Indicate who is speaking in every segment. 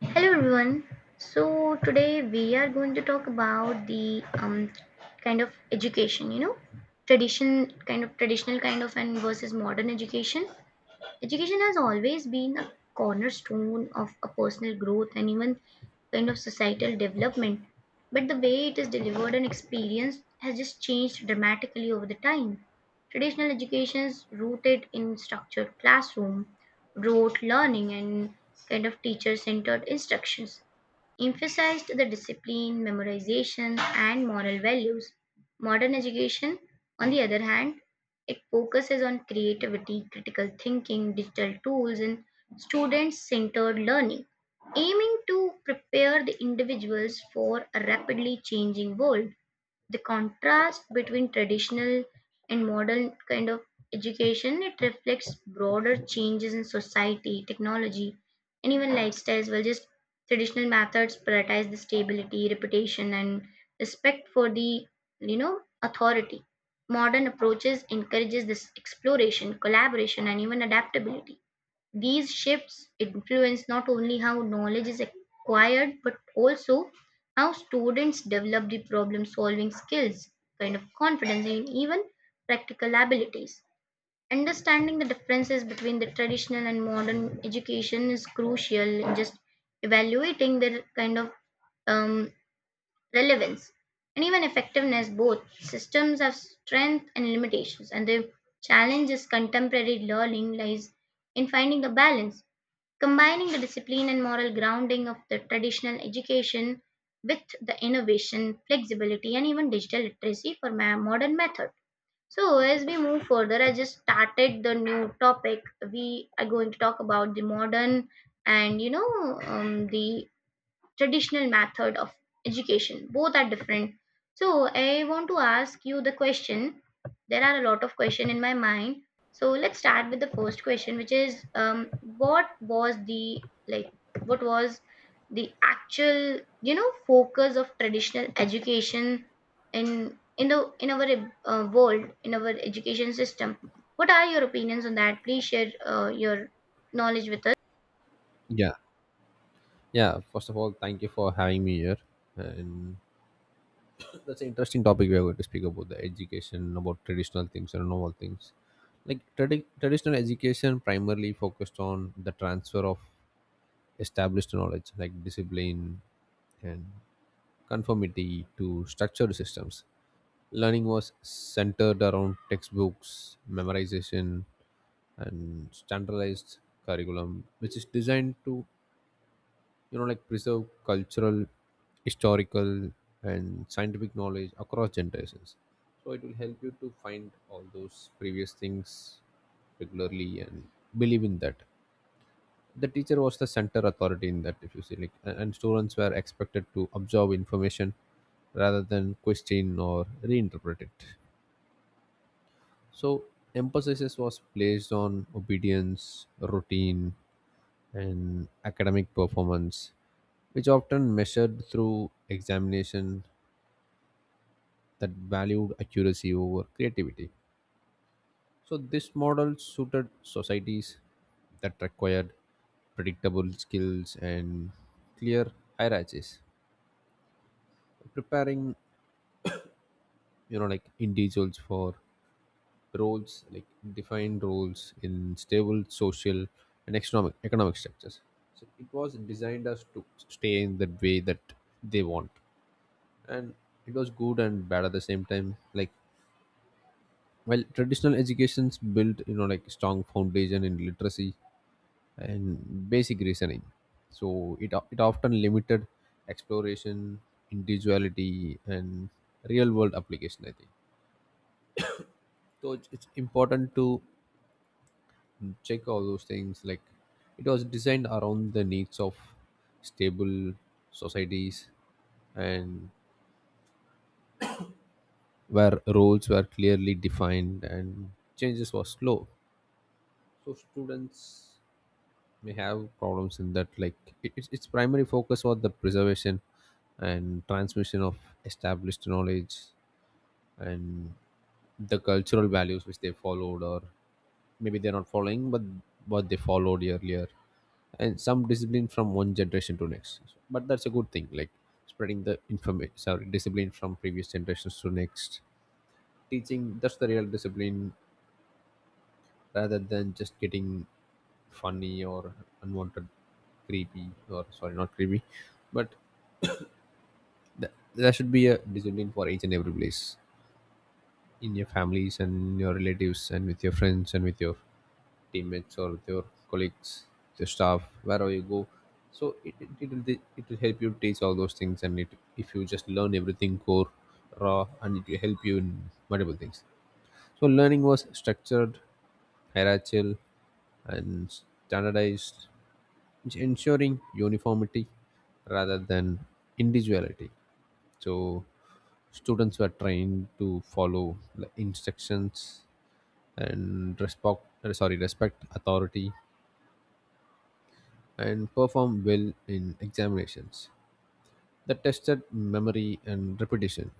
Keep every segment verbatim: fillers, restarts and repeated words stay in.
Speaker 1: Hello everyone. So today we are going to talk about the um, kind of education, you know, tradition, kind of traditional kind of and versus modern education. Education has always been a cornerstone of a personal growth and even kind of societal development. But the way it is delivered and experienced has just changed dramatically over the time. Traditional education is rooted in structured classroom, rote learning, and kind of teacher centered instructions emphasized the discipline, memorization, and moral values. Modern education, on the other hand, it focuses on creativity, critical thinking, digital tools, and student centered learning, aiming to prepare the individuals for a rapidly changing world. The contrast between traditional and modern kind of education, it reflects broader changes in society, technology, and even lifestyle as well. Just traditional methods prioritize the stability, reputation, and respect for the you know authority. Modern approaches encourages this exploration, collaboration, and even adaptability. These shifts influence not only how knowledge is acquired but also how students develop the problem solving skills, kind of confidence, and even practical abilities. Understanding the differences between the traditional and modern education is crucial in just evaluating their kind of um, relevance and even effectiveness. Both systems have strengths and limitations, and the challenge is contemporary learning lies in finding a balance, combining the discipline and moral grounding of the traditional education with the innovation, flexibility, and even digital literacy for my modern method. So, as we move further, I just started the new topic. We are going to talk about the modern and you know um, the traditional method of education. Both are different, so I want to ask you the question. There are a lot of question in my mind, so let's start with the first question, which is um, what was the like what was the actual you know focus of traditional education in in the in our uh, world, in our education system? What are your opinions on that? Please share uh, your knowledge with us.
Speaker 2: Yeah, yeah. First of all, thank you for having me here. And that's an interesting topic. We are going to speak about the education, about traditional things and normal things. Like tradi- traditional education primarily focused on the transfer of established knowledge, like discipline and conformity to structured systems. Learning was centered around textbooks, memorization, and standardized curriculum, which is designed to you know like preserve cultural, historical, and scientific knowledge across generations, so it will help you to find all those previous things regularly and believe in that. The teacher was the center authority in that. If you see, like a- and students were expected to absorb information rather than question or reinterpret it. So emphasis was placed on obedience, routine, and academic performance, which often measured through examination that valued accuracy over creativity. So, this model suited societies that required predictable skills and clear hierarchies, preparing you know like individuals for roles like defined roles in stable social and economic economic structures. So it was designed us to stay in the way that they want, and it was good and bad at the same time. Like, well, traditional educations built you know like strong foundation in literacy and basic reasoning, so it o- it often limited exploration, individuality, and real world application, I think. So it's, it's important to check all those things. Like, it was designed around the needs of stable societies and where roles were clearly defined and changes were slow, so students may have problems in that. Like it, it's its primary focus was the preservation and transmission of established knowledge and the cultural values which they followed, or maybe they're not following but what they followed earlier, and some discipline from one generation to next. But that's a good thing, like spreading the information, sorry, discipline from previous generations to next, teaching. That's the real discipline, rather than just getting funny or unwanted, creepy, or sorry, not creepy, but th- there should be a discipline for each and every place, in your families and your relatives and with your friends and with your teammates or with your colleagues, your staff, wherever you go. So it, it, it, will, t- it will help you teach all those things, and it if you just learn everything core, raw, and it will help you in multiple things. So learning was structured, hierarchical, and standardized, which ensuring uniformity rather than individuality. So students were trained to follow the instructions and respect, sorry, respect authority, and perform well in examinations that tested memory and repetition.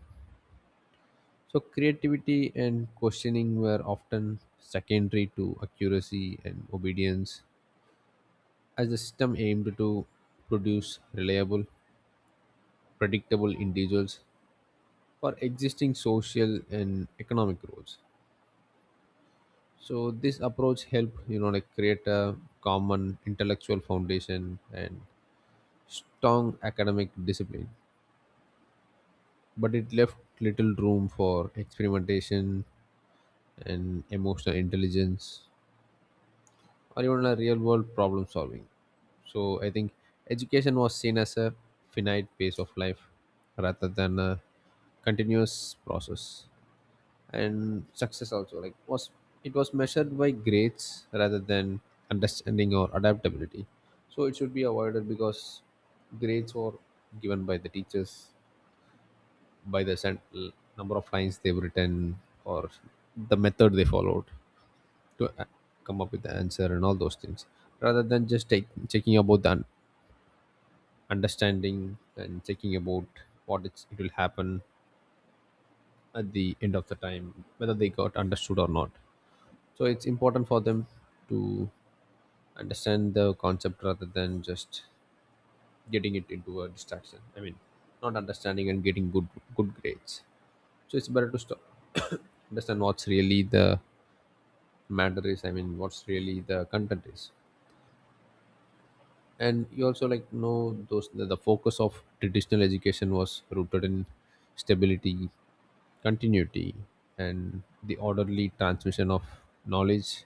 Speaker 2: So creativity and questioning were often secondary to accuracy and obedience, as the system aimed to produce reliable, predictable individuals for existing social and economic roles. So this approach helped, you know, like create a common intellectual foundation and strong academic discipline. But it left little room for experimentation and emotional intelligence, or even a real world problem solving. So I think education was seen as a finite pace of life rather than a continuous process. And success also, like, was, it was measured by grades rather than understanding or adaptability. So it should be avoided because grades were given by the teachers, by the cent- number of lines they've written or the method they followed to uh, come up with the answer and all those things, rather than just take, checking about the un- understanding and checking about what it's, it will happen at the end of the time, whether they got understood or not. So it's important for them to understand the concept rather than just getting it into a distraction. I mean, not understanding and getting good good grades. So it's better to stop, understand what's really the matter is, I mean what's really the content is. And you also like know those, the, the focus of traditional education was rooted in stability, continuity, and the orderly transmission of knowledge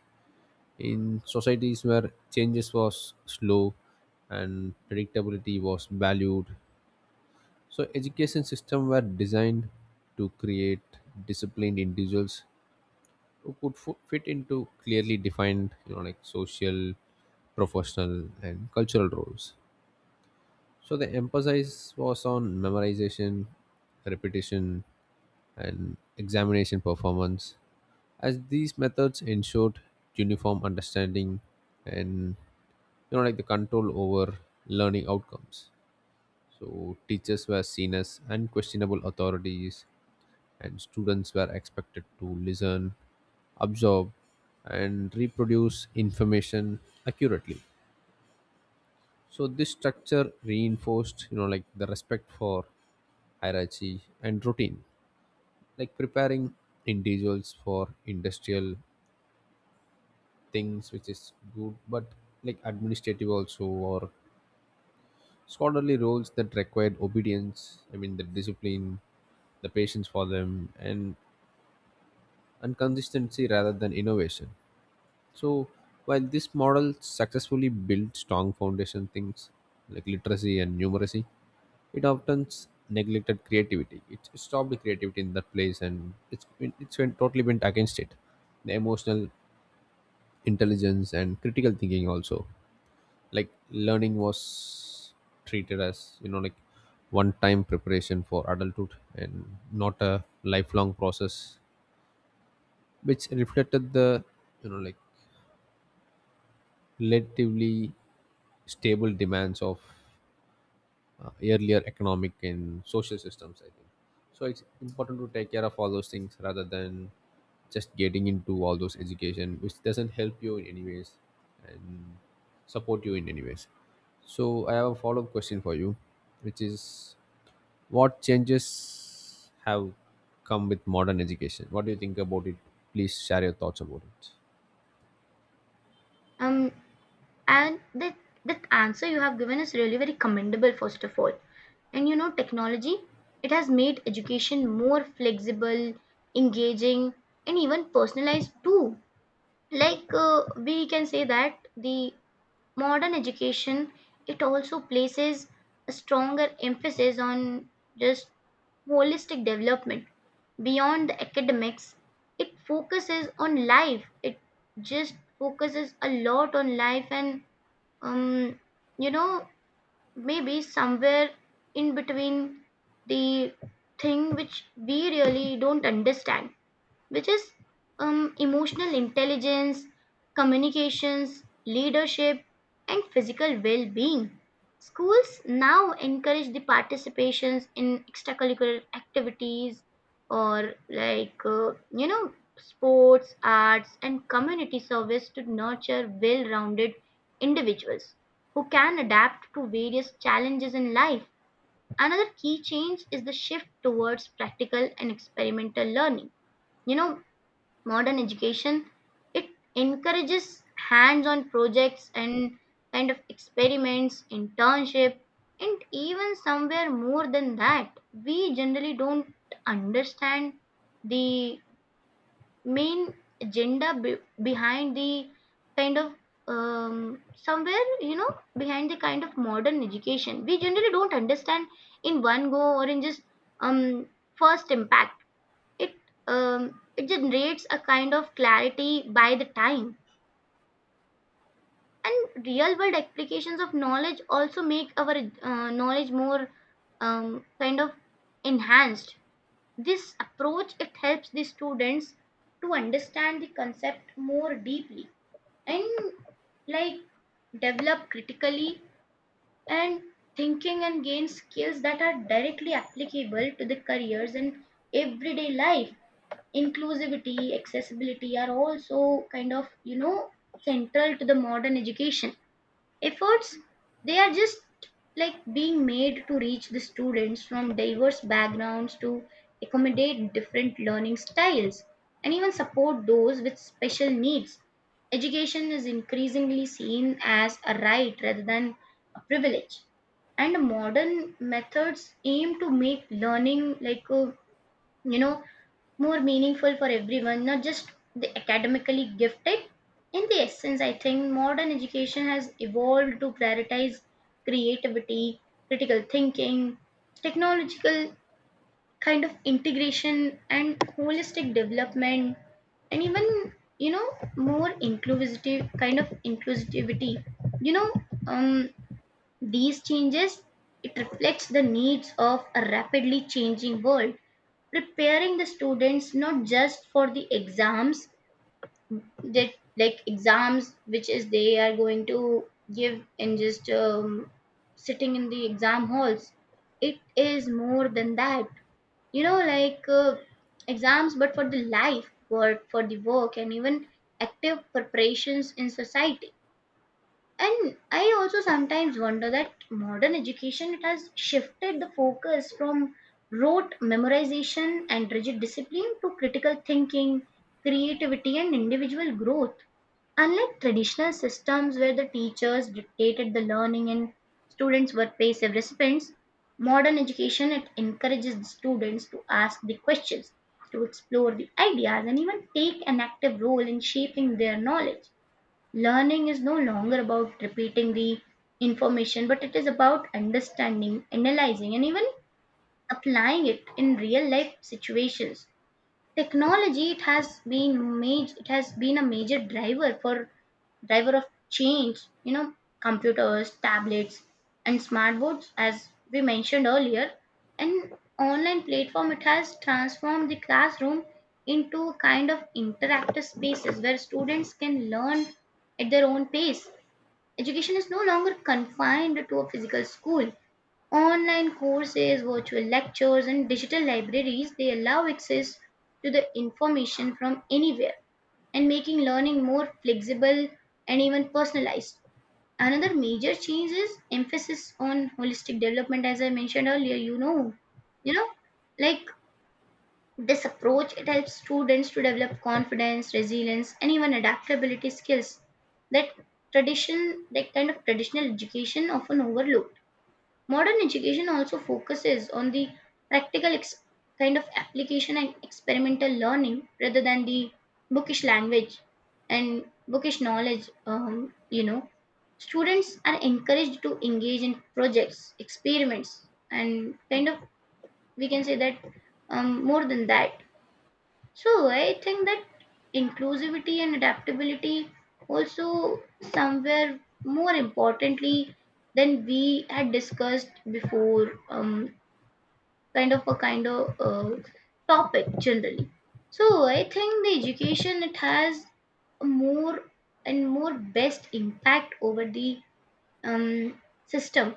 Speaker 2: in societies where changes was slow and predictability was valued. So education system were designed to create disciplined individuals who could fo- fit into clearly defined, you know like social professional, and cultural roles. So the emphasis was on memorization, repetition, and examination performance, as these methods ensured uniform understanding and, you know like the control over learning outcomes. So teachers were seen as unquestionable authorities, and students were expected to listen, absorb, and reproduce information accurately. So this structure reinforced, you know, like the respect for hierarchy and routine, like preparing individuals for industrial things, which is good, but like administrative also or scholarly roles that required obedience. I mean, the discipline, the patience for them, and and consistency rather than innovation. So while this model successfully built strong foundation things like literacy and numeracy, it often s- neglected creativity. It it stopped the creativity in that place, and it's been, it's went, totally went against it. The emotional intelligence and critical thinking also, like learning was treated as, you know like one-time preparation for adulthood and not a lifelong process, which reflected the, you know like relatively stable demands of uh, earlier economic and social systems, I think. So it's important to take care of all those things rather than just getting into all those education which doesn't help you in any ways and support you in any ways. So I have a follow-up question for you, which is, what changes have come with modern education? What do you think about it? Please share your thoughts about it.
Speaker 1: um And the, the answer you have given is really very commendable, first of all. And you know, technology, it has made education more flexible, engaging, and even personalized too. Like uh, we can say that the modern education, it also places a stronger emphasis on just holistic development beyond the academics. It focuses on life. It just focuses a lot on life, and um you know maybe somewhere in between, the thing which we really don't understand, which is um, emotional intelligence, communications, leadership, and physical well being. Schools now encourage the participations in extracurricular activities or, like, uh, you know, sports, arts, and community service to nurture well rounded individuals who can adapt to various challenges in life. Another key change is the shift towards practical and experimental learning. You know, modern education, it encourages hands-on projects and kind of experiments, internship, and even somewhere more than that. We generally don't understand the main agenda be- behind the kind of um, somewhere you know behind the kind of modern education. We generally don't understand in one go or in just um first impact. It um, it generates a kind of clarity by the time, and real world applications of knowledge also make our uh, knowledge more um, kind of enhanced. This approach, it helps the students to understand the concept more deeply and like develop critically and thinking and gain skills that are directly applicable to the careers and everyday life. Inclusivity, accessibility are also kind of, you know, central to the modern education. Efforts, they are just like being made to reach the students from diverse backgrounds, to accommodate different learning styles and even support those with special needs. Education is increasingly seen as a right rather than a privilege, and modern methods aim to make learning like a you know more meaningful for everyone, not just the academically gifted. In the essence, I think modern education has evolved to prioritize creativity, critical thinking, technological kind of integration and holistic development, and even you know more inclusive kind of inclusivity. you know um these changes, it reflects the needs of a rapidly changing world, preparing the students not just for the exams, that like exams which is they are going to give and just um, sitting in the exam halls. It is more than that. You know, like uh, exams, but for the life, work, for the work, and even active preparations in society. And I also sometimes wonder that modern education, it has shifted the focus from rote memorization and rigid discipline to critical thinking, creativity, and individual growth. Unlike traditional systems where the teachers dictated the learning and students were passive recipients, modern education, it encourages the students to ask the questions, to explore the ideas, and even take an active role in shaping their knowledge. Learning is no longer about repeating the information, but it is about understanding, analyzing, and even applying it in real life situations. Technology, it has been major, it has been a major driver for driver of change. You know, computers, tablets, and smartboards, as we mentioned earlier, and online platform, it has transformed the classroom into a kind of interactive spaces where students can learn at their own pace. Education is no longer confined to a physical school. Online courses, virtual lectures, and digital libraries, they allow access to the information from anywhere, and making learning more flexible and even personalized. Another major change is emphasis on holistic development, as I mentioned earlier, you know. You know, like this approach, it helps students to develop confidence, resilience, and even adaptability skills that tradition that kind of traditional education often overlooks. Modern education also focuses on the practical ex- kind of application and experimental learning rather than the bookish language and bookish knowledge. Um, you know, students are encouraged to engage in projects, experiments, and kind of we can say that um, more than that. So I think that inclusivity and adaptability also somewhere more importantly than we had discussed before, um, kind of a kind of uh, topic generally. So I think the education, it has a more and more best impact over the um, system,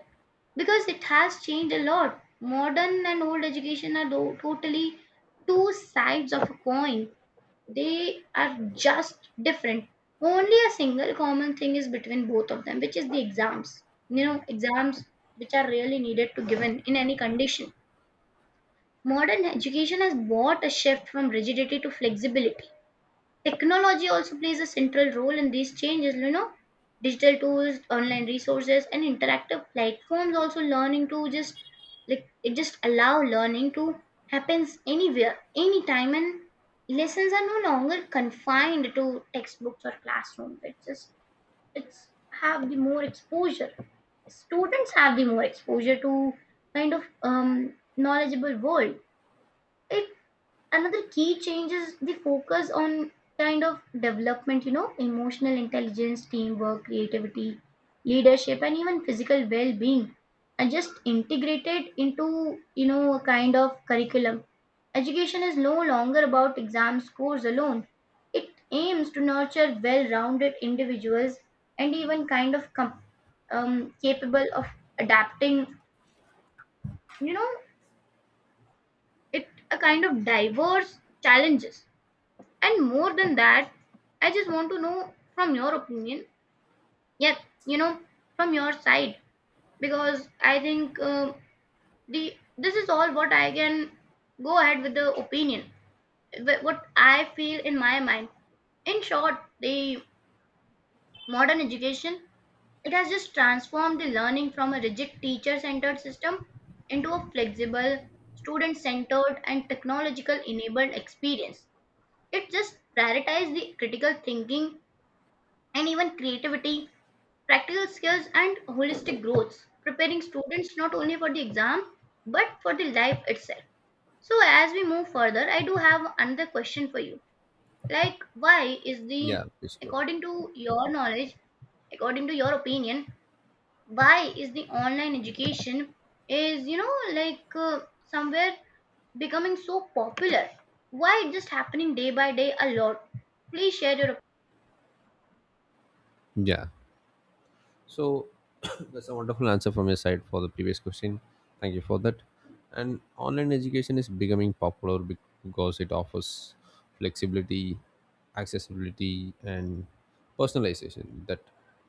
Speaker 1: because it has changed a lot. Modern and old education are tho- totally two sides of a coin. They are just different. Only a single common thing is between both of them, which is the exams. You know, exams which are really needed to given in any condition. Modern education has brought a shift from rigidity to flexibility. Technology also plays a central role in these changes, you know. Digital tools, online resources, and interactive platforms also learning to just like it just allow learning to happens anywhere, anytime, and lessons are no longer confined to textbooks or classrooms. It's just it's have the more exposure. Students have the more exposure to kind of um, knowledgeable world. It Another key change is the focus on kind of development. You know, emotional intelligence, teamwork, creativity, leadership, and even physical well-being are just integrated into, you know, a kind of curriculum. Education is no longer about exam scores alone. It aims to nurture well-rounded individuals and even kind of com- um, capable of adapting, you know, it a kind of diverse challenges. And more than that, I just want to know from your opinion, yeah, you know, from your side, because I think um the this is all what I can go ahead with the opinion, wh- what I feel in my mind. In short, the modern education, it has just transformed the learning from a rigid teacher-centered system into a flexible, student-centered, and technological-enabled experience. It just prioritizes the critical thinking and even creativity, practical skills, and holistic growth, preparing students not only for the exam but for the life itself. So, as we move further, I do have another question for you. Like, why is the,
Speaker 2: Yeah, please go on.
Speaker 1: according to your knowledge, according to your opinion, why is the online education is you know like uh, somewhere becoming so popular? Why it just happening day by day a lot? Please share your.
Speaker 2: Yeah, so that's a wonderful answer from your side for the previous question. Thank you for that. And online education is becoming popular bec- because it offers flexibility, accessibility, and personalization that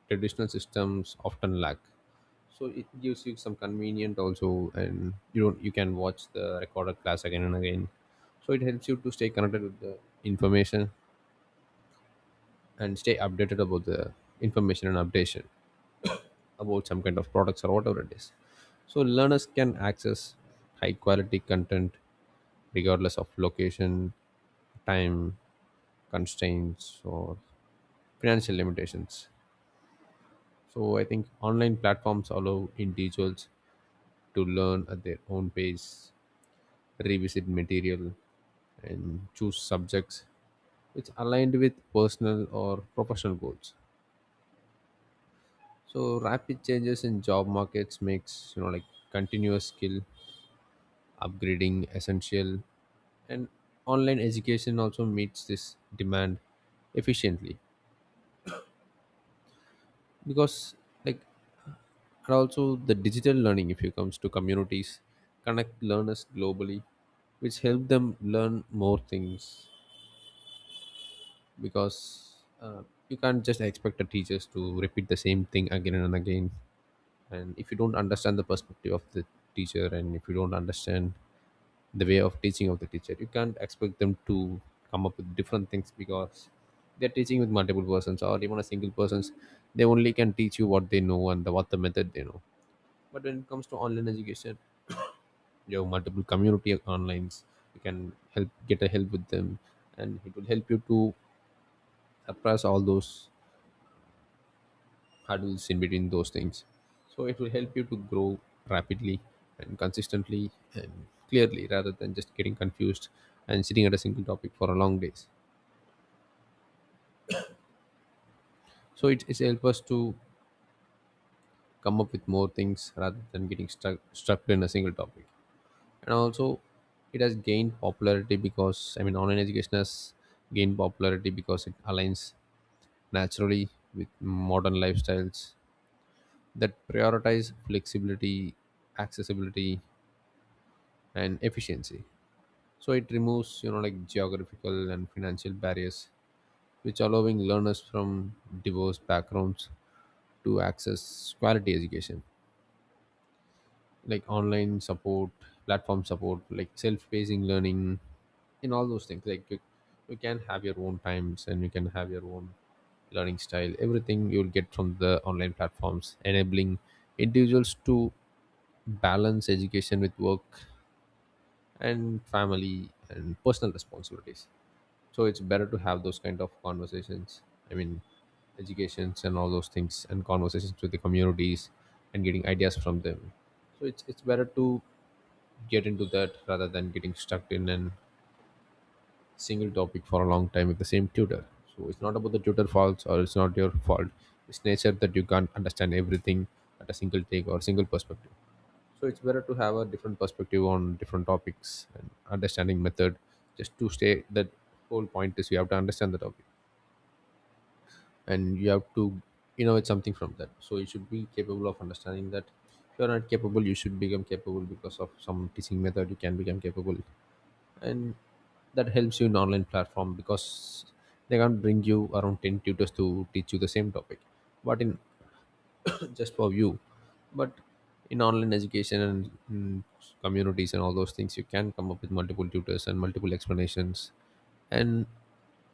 Speaker 2: traditional systems often lack. So it gives you some convenient also, and you don't, you can watch the recorded class again and again. So it helps you to stay connected with the information and stay updated about the information and updation about some kind of products or whatever it is. So learners can access high quality content regardless of location, time constraints, or financial limitations. So I think online platforms allow individuals to learn at their own pace, revisit material, and choose subjects which aligned with personal or professional goals. So rapid changes in job markets makes, you know like continuous skill upgrading essential, and online education also meets this demand efficiently because, like, and also the digital learning, if it comes to communities, connect learners globally, which help them learn more things. Because uh, you can't just expect the teachers to repeat the same thing again and again, and if you don't understand the perspective of the teacher, and if you don't understand the way of teaching of the teacher, you can't expect them to come up with different things because they're teaching with multiple persons or even a single persons. They only can teach you what they know and the, what the method they know. But when it comes to online education, you have multiple community of onlines, you can help get a help with them, and it will help you to suppress all those hurdles in between those things. So it will help you to grow rapidly and consistently and clearly rather than just getting confused and sitting at a single topic for a long days. So it it helps us to come up with more things rather than getting stuck stuck in a single topic. And also, it has gained popularity because, I mean, online education has gained popularity because it aligns naturally with modern lifestyles that prioritize flexibility, accessibility, and efficiency. So it removes, you know like geographical and financial barriers, which allowing learners from diverse backgrounds to access quality education, like online support, platform support, like self-pacing learning and all those things. Like you, you can have your own times and you can have your own learning style. Everything you'll get from the online platforms, enabling individuals to balance education with work and family and personal responsibilities. So it's better to have those kind of conversations, I mean educations and all those things, and conversations with the communities and getting ideas from them. So it's it's better to get into that rather than getting stuck in a single topic for a long time with the same tutor. So it's not about the tutor faults or it's not your fault. It's nature that you can't understand everything at a single take or single perspective. So it's better to have a different perspective on different topics and understanding method. Just to stay that, whole point is you have to understand the topic and you have to innovate something from that. So you should be capable of understanding that. If you're not capable, you should become capable because of some teaching method. You can become capable, and that helps you in online platform because they can't bring you around ten tutors to teach you the same topic but in just for you. But in online education and mm, communities and all those things, you can come up with multiple tutors and multiple explanations and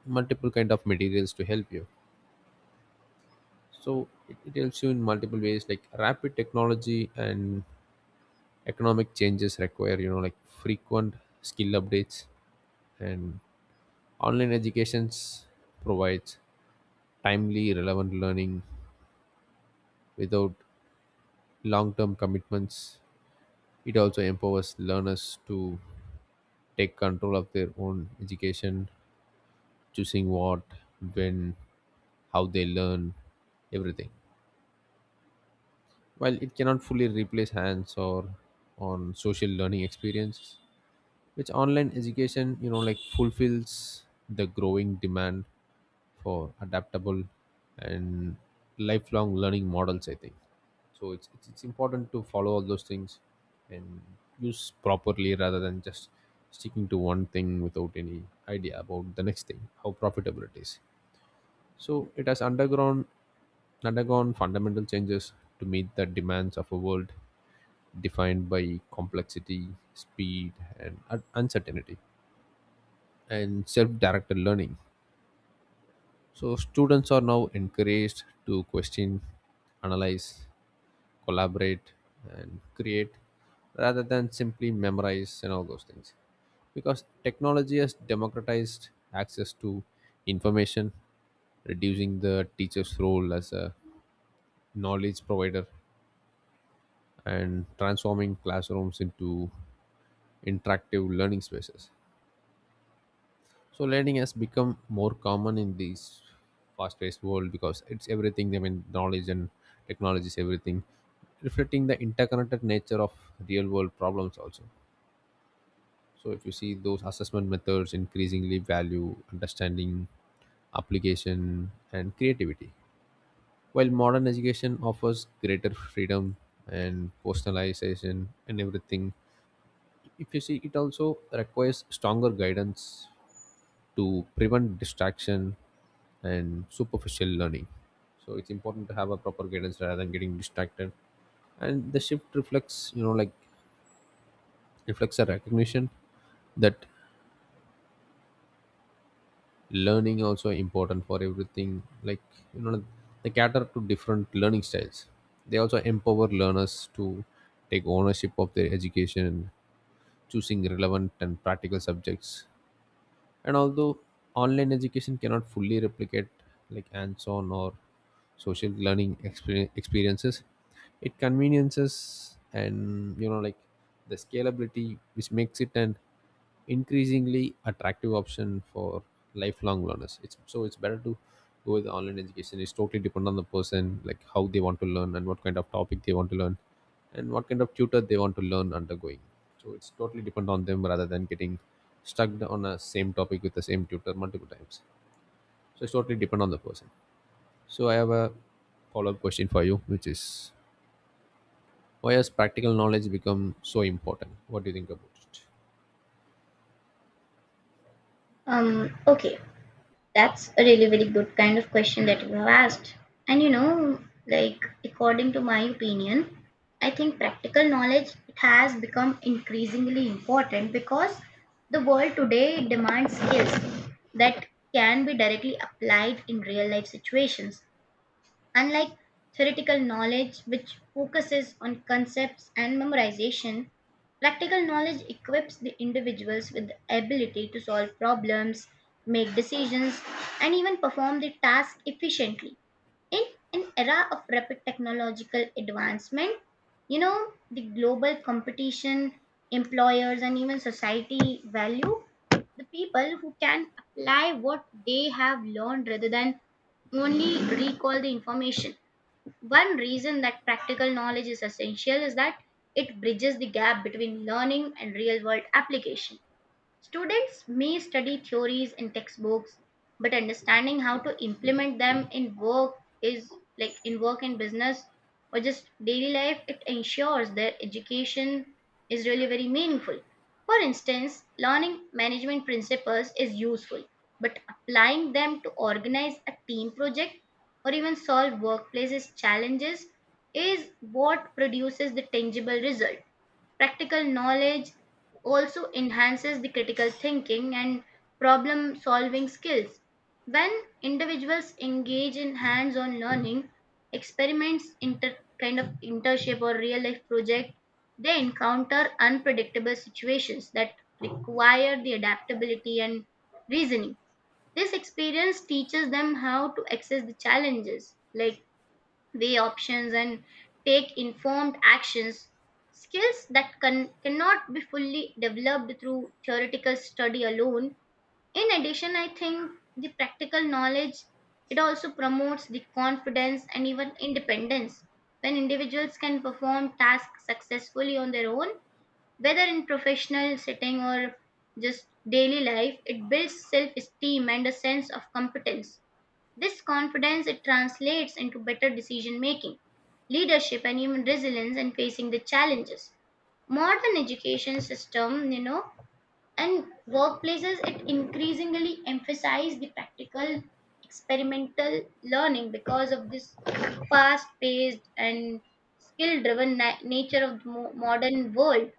Speaker 2: multiple kind of materials to help you. So it, it helps you in multiple ways, like rapid technology and economic changes require, you know like frequent skill updates, and online education provides timely, relevant learning without long-term commitments. It also empowers learners to take control of their own education, choosing what, when, how they learn, everything. While it cannot fully replace hands or on social learning experiences, which online education, you know, like fulfills the growing demand for adaptable and lifelong learning models, I think. So it's, it's it's important to follow all those things and use properly rather than just sticking to one thing without any idea about the next thing, how profitable it is. So it has undergone undergone fundamental changes to meet the demands of a world defined by complexity, speed, and un- uncertainty, and self-directed learning. So students are now encouraged to question, analyze, collaborate, and create rather than simply memorize and all those things, because technology has democratized access to information, reducing the teacher's role as a knowledge provider and transforming classrooms into interactive learning spaces. So learning has become more common in this fast-paced world because it's everything. I mean, knowledge and technology is everything, reflecting the interconnected nature of real world problems also. So if you see those, assessment methods increasingly value understanding, application, and creativity, while modern education offers greater freedom and personalization and everything. If you see, it also requires stronger guidance to prevent distraction and superficial learning. So it's important to have a proper guidance rather than getting distracted. And the shift reflects, you know, like reflects a recognition that learning also important for everything. Like, you know they cater to different learning styles, they also empower learners to take ownership of their education, choosing relevant and practical subjects. And although online education cannot fully replicate like hands-on or social learning exper- experiences, it conveniences and, you know like the scalability which makes it an increasingly attractive option for lifelong learners. It's so it's better to go with online education. It's totally dependent on the person, like how they want to learn and what kind of topic they want to learn and what kind of tutor they want to learn undergoing. So it's totally depend on them rather than getting stuck on a same topic with the same tutor multiple times. So it's totally depend on the person. So I have a follow up question for you, which is, why has practical knowledge become so important? What do you think about it?
Speaker 1: Um. Okay. That's a really very good kind of question that you have asked. And you know, like according to my opinion, I think practical knowledge, it has become increasingly important because the world today demands skills that can be directly applied in real life situations. Unlike theoretical knowledge, which focuses on concepts and memorization, practical knowledge equips the individuals with the ability to solve problems, make decisions, and even perform the task efficiently in an era of rapid technological advancement, you know, the global competition. Employers and even society value the people who can apply what they have learned rather than only recall the information. One reason that practical knowledge is essential is that it bridges the gap between learning and real world application. Students may study theories in textbooks, but understanding how to implement them in work is like in work and business or just daily life, it ensures their education is really very meaningful. For instance, learning management principles is useful, but applying them to organize a team project or even solve workplaces challenges is what produces the tangible result. Practical knowledge also enhances the critical thinking and problem solving skills. When individuals engage in hands on learning, experiments, inter- kind of internship or real life project, they encounter unpredictable situations that require the adaptability and reasoning. This experience teaches them how to access the challenges, like weigh options and take informed actions, skills that can, cannot be fully developed through theoretical study alone. In addition, I think the practical knowledge, it also promotes the confidence and even independence. When individuals can perform tasks successfully on their own, whether in professional setting or just daily life, it builds self esteem and a sense of competence. This confidence, it translates into better decision making, leadership, and even resilience in facing the challenges. Modern education system, you know, and workplaces, it increasingly emphasize the practical experimental learning because of this fast paced and skill driven na- nature of the mo- modern world.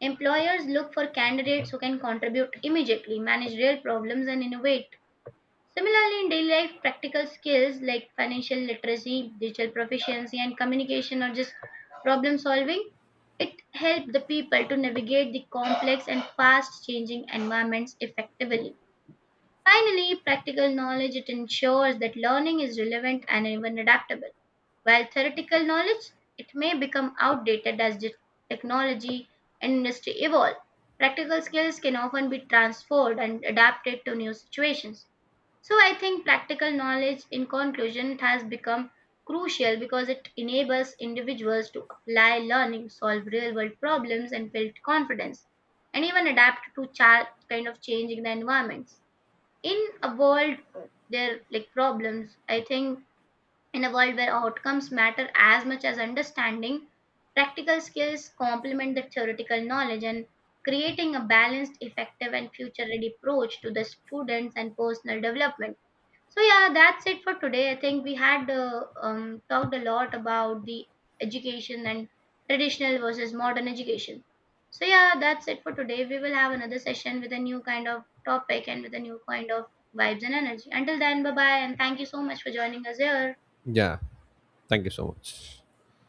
Speaker 1: Employers look for candidates who can contribute immediately, manage real problems, and innovate. Similarly, in daily life, practical skills like financial literacy, digital proficiency, and communication, or just problem solving, it helped the people to navigate the complex and fast changing environments effectively. Finally, practical knowledge, it ensures that learning is relevant and even adaptable, while theoretical knowledge, it may become outdated as the technology and industry evolve. Practical skills can often be transferred and adapted to new situations. So I think practical knowledge, in conclusion, it has become crucial because it enables individuals to apply learning, solve real world problems, and build confidence, and even adapt to cha- kind of changing the environments. In a world there like problems, I think, in a world where outcomes matter as much as understanding, practical skills complement the theoretical knowledge and creating a balanced, effective, and future ready approach to the students and personal development. So yeah, that's it for today. I think we had uh, um, talked a lot about the education and traditional versus modern education. So yeah, that's it for today. We will have another session with a new kind of topic and with a new kind of vibes and energy. Until then, bye bye, and thank you so much for joining us here.
Speaker 2: Yeah. Thank you so much.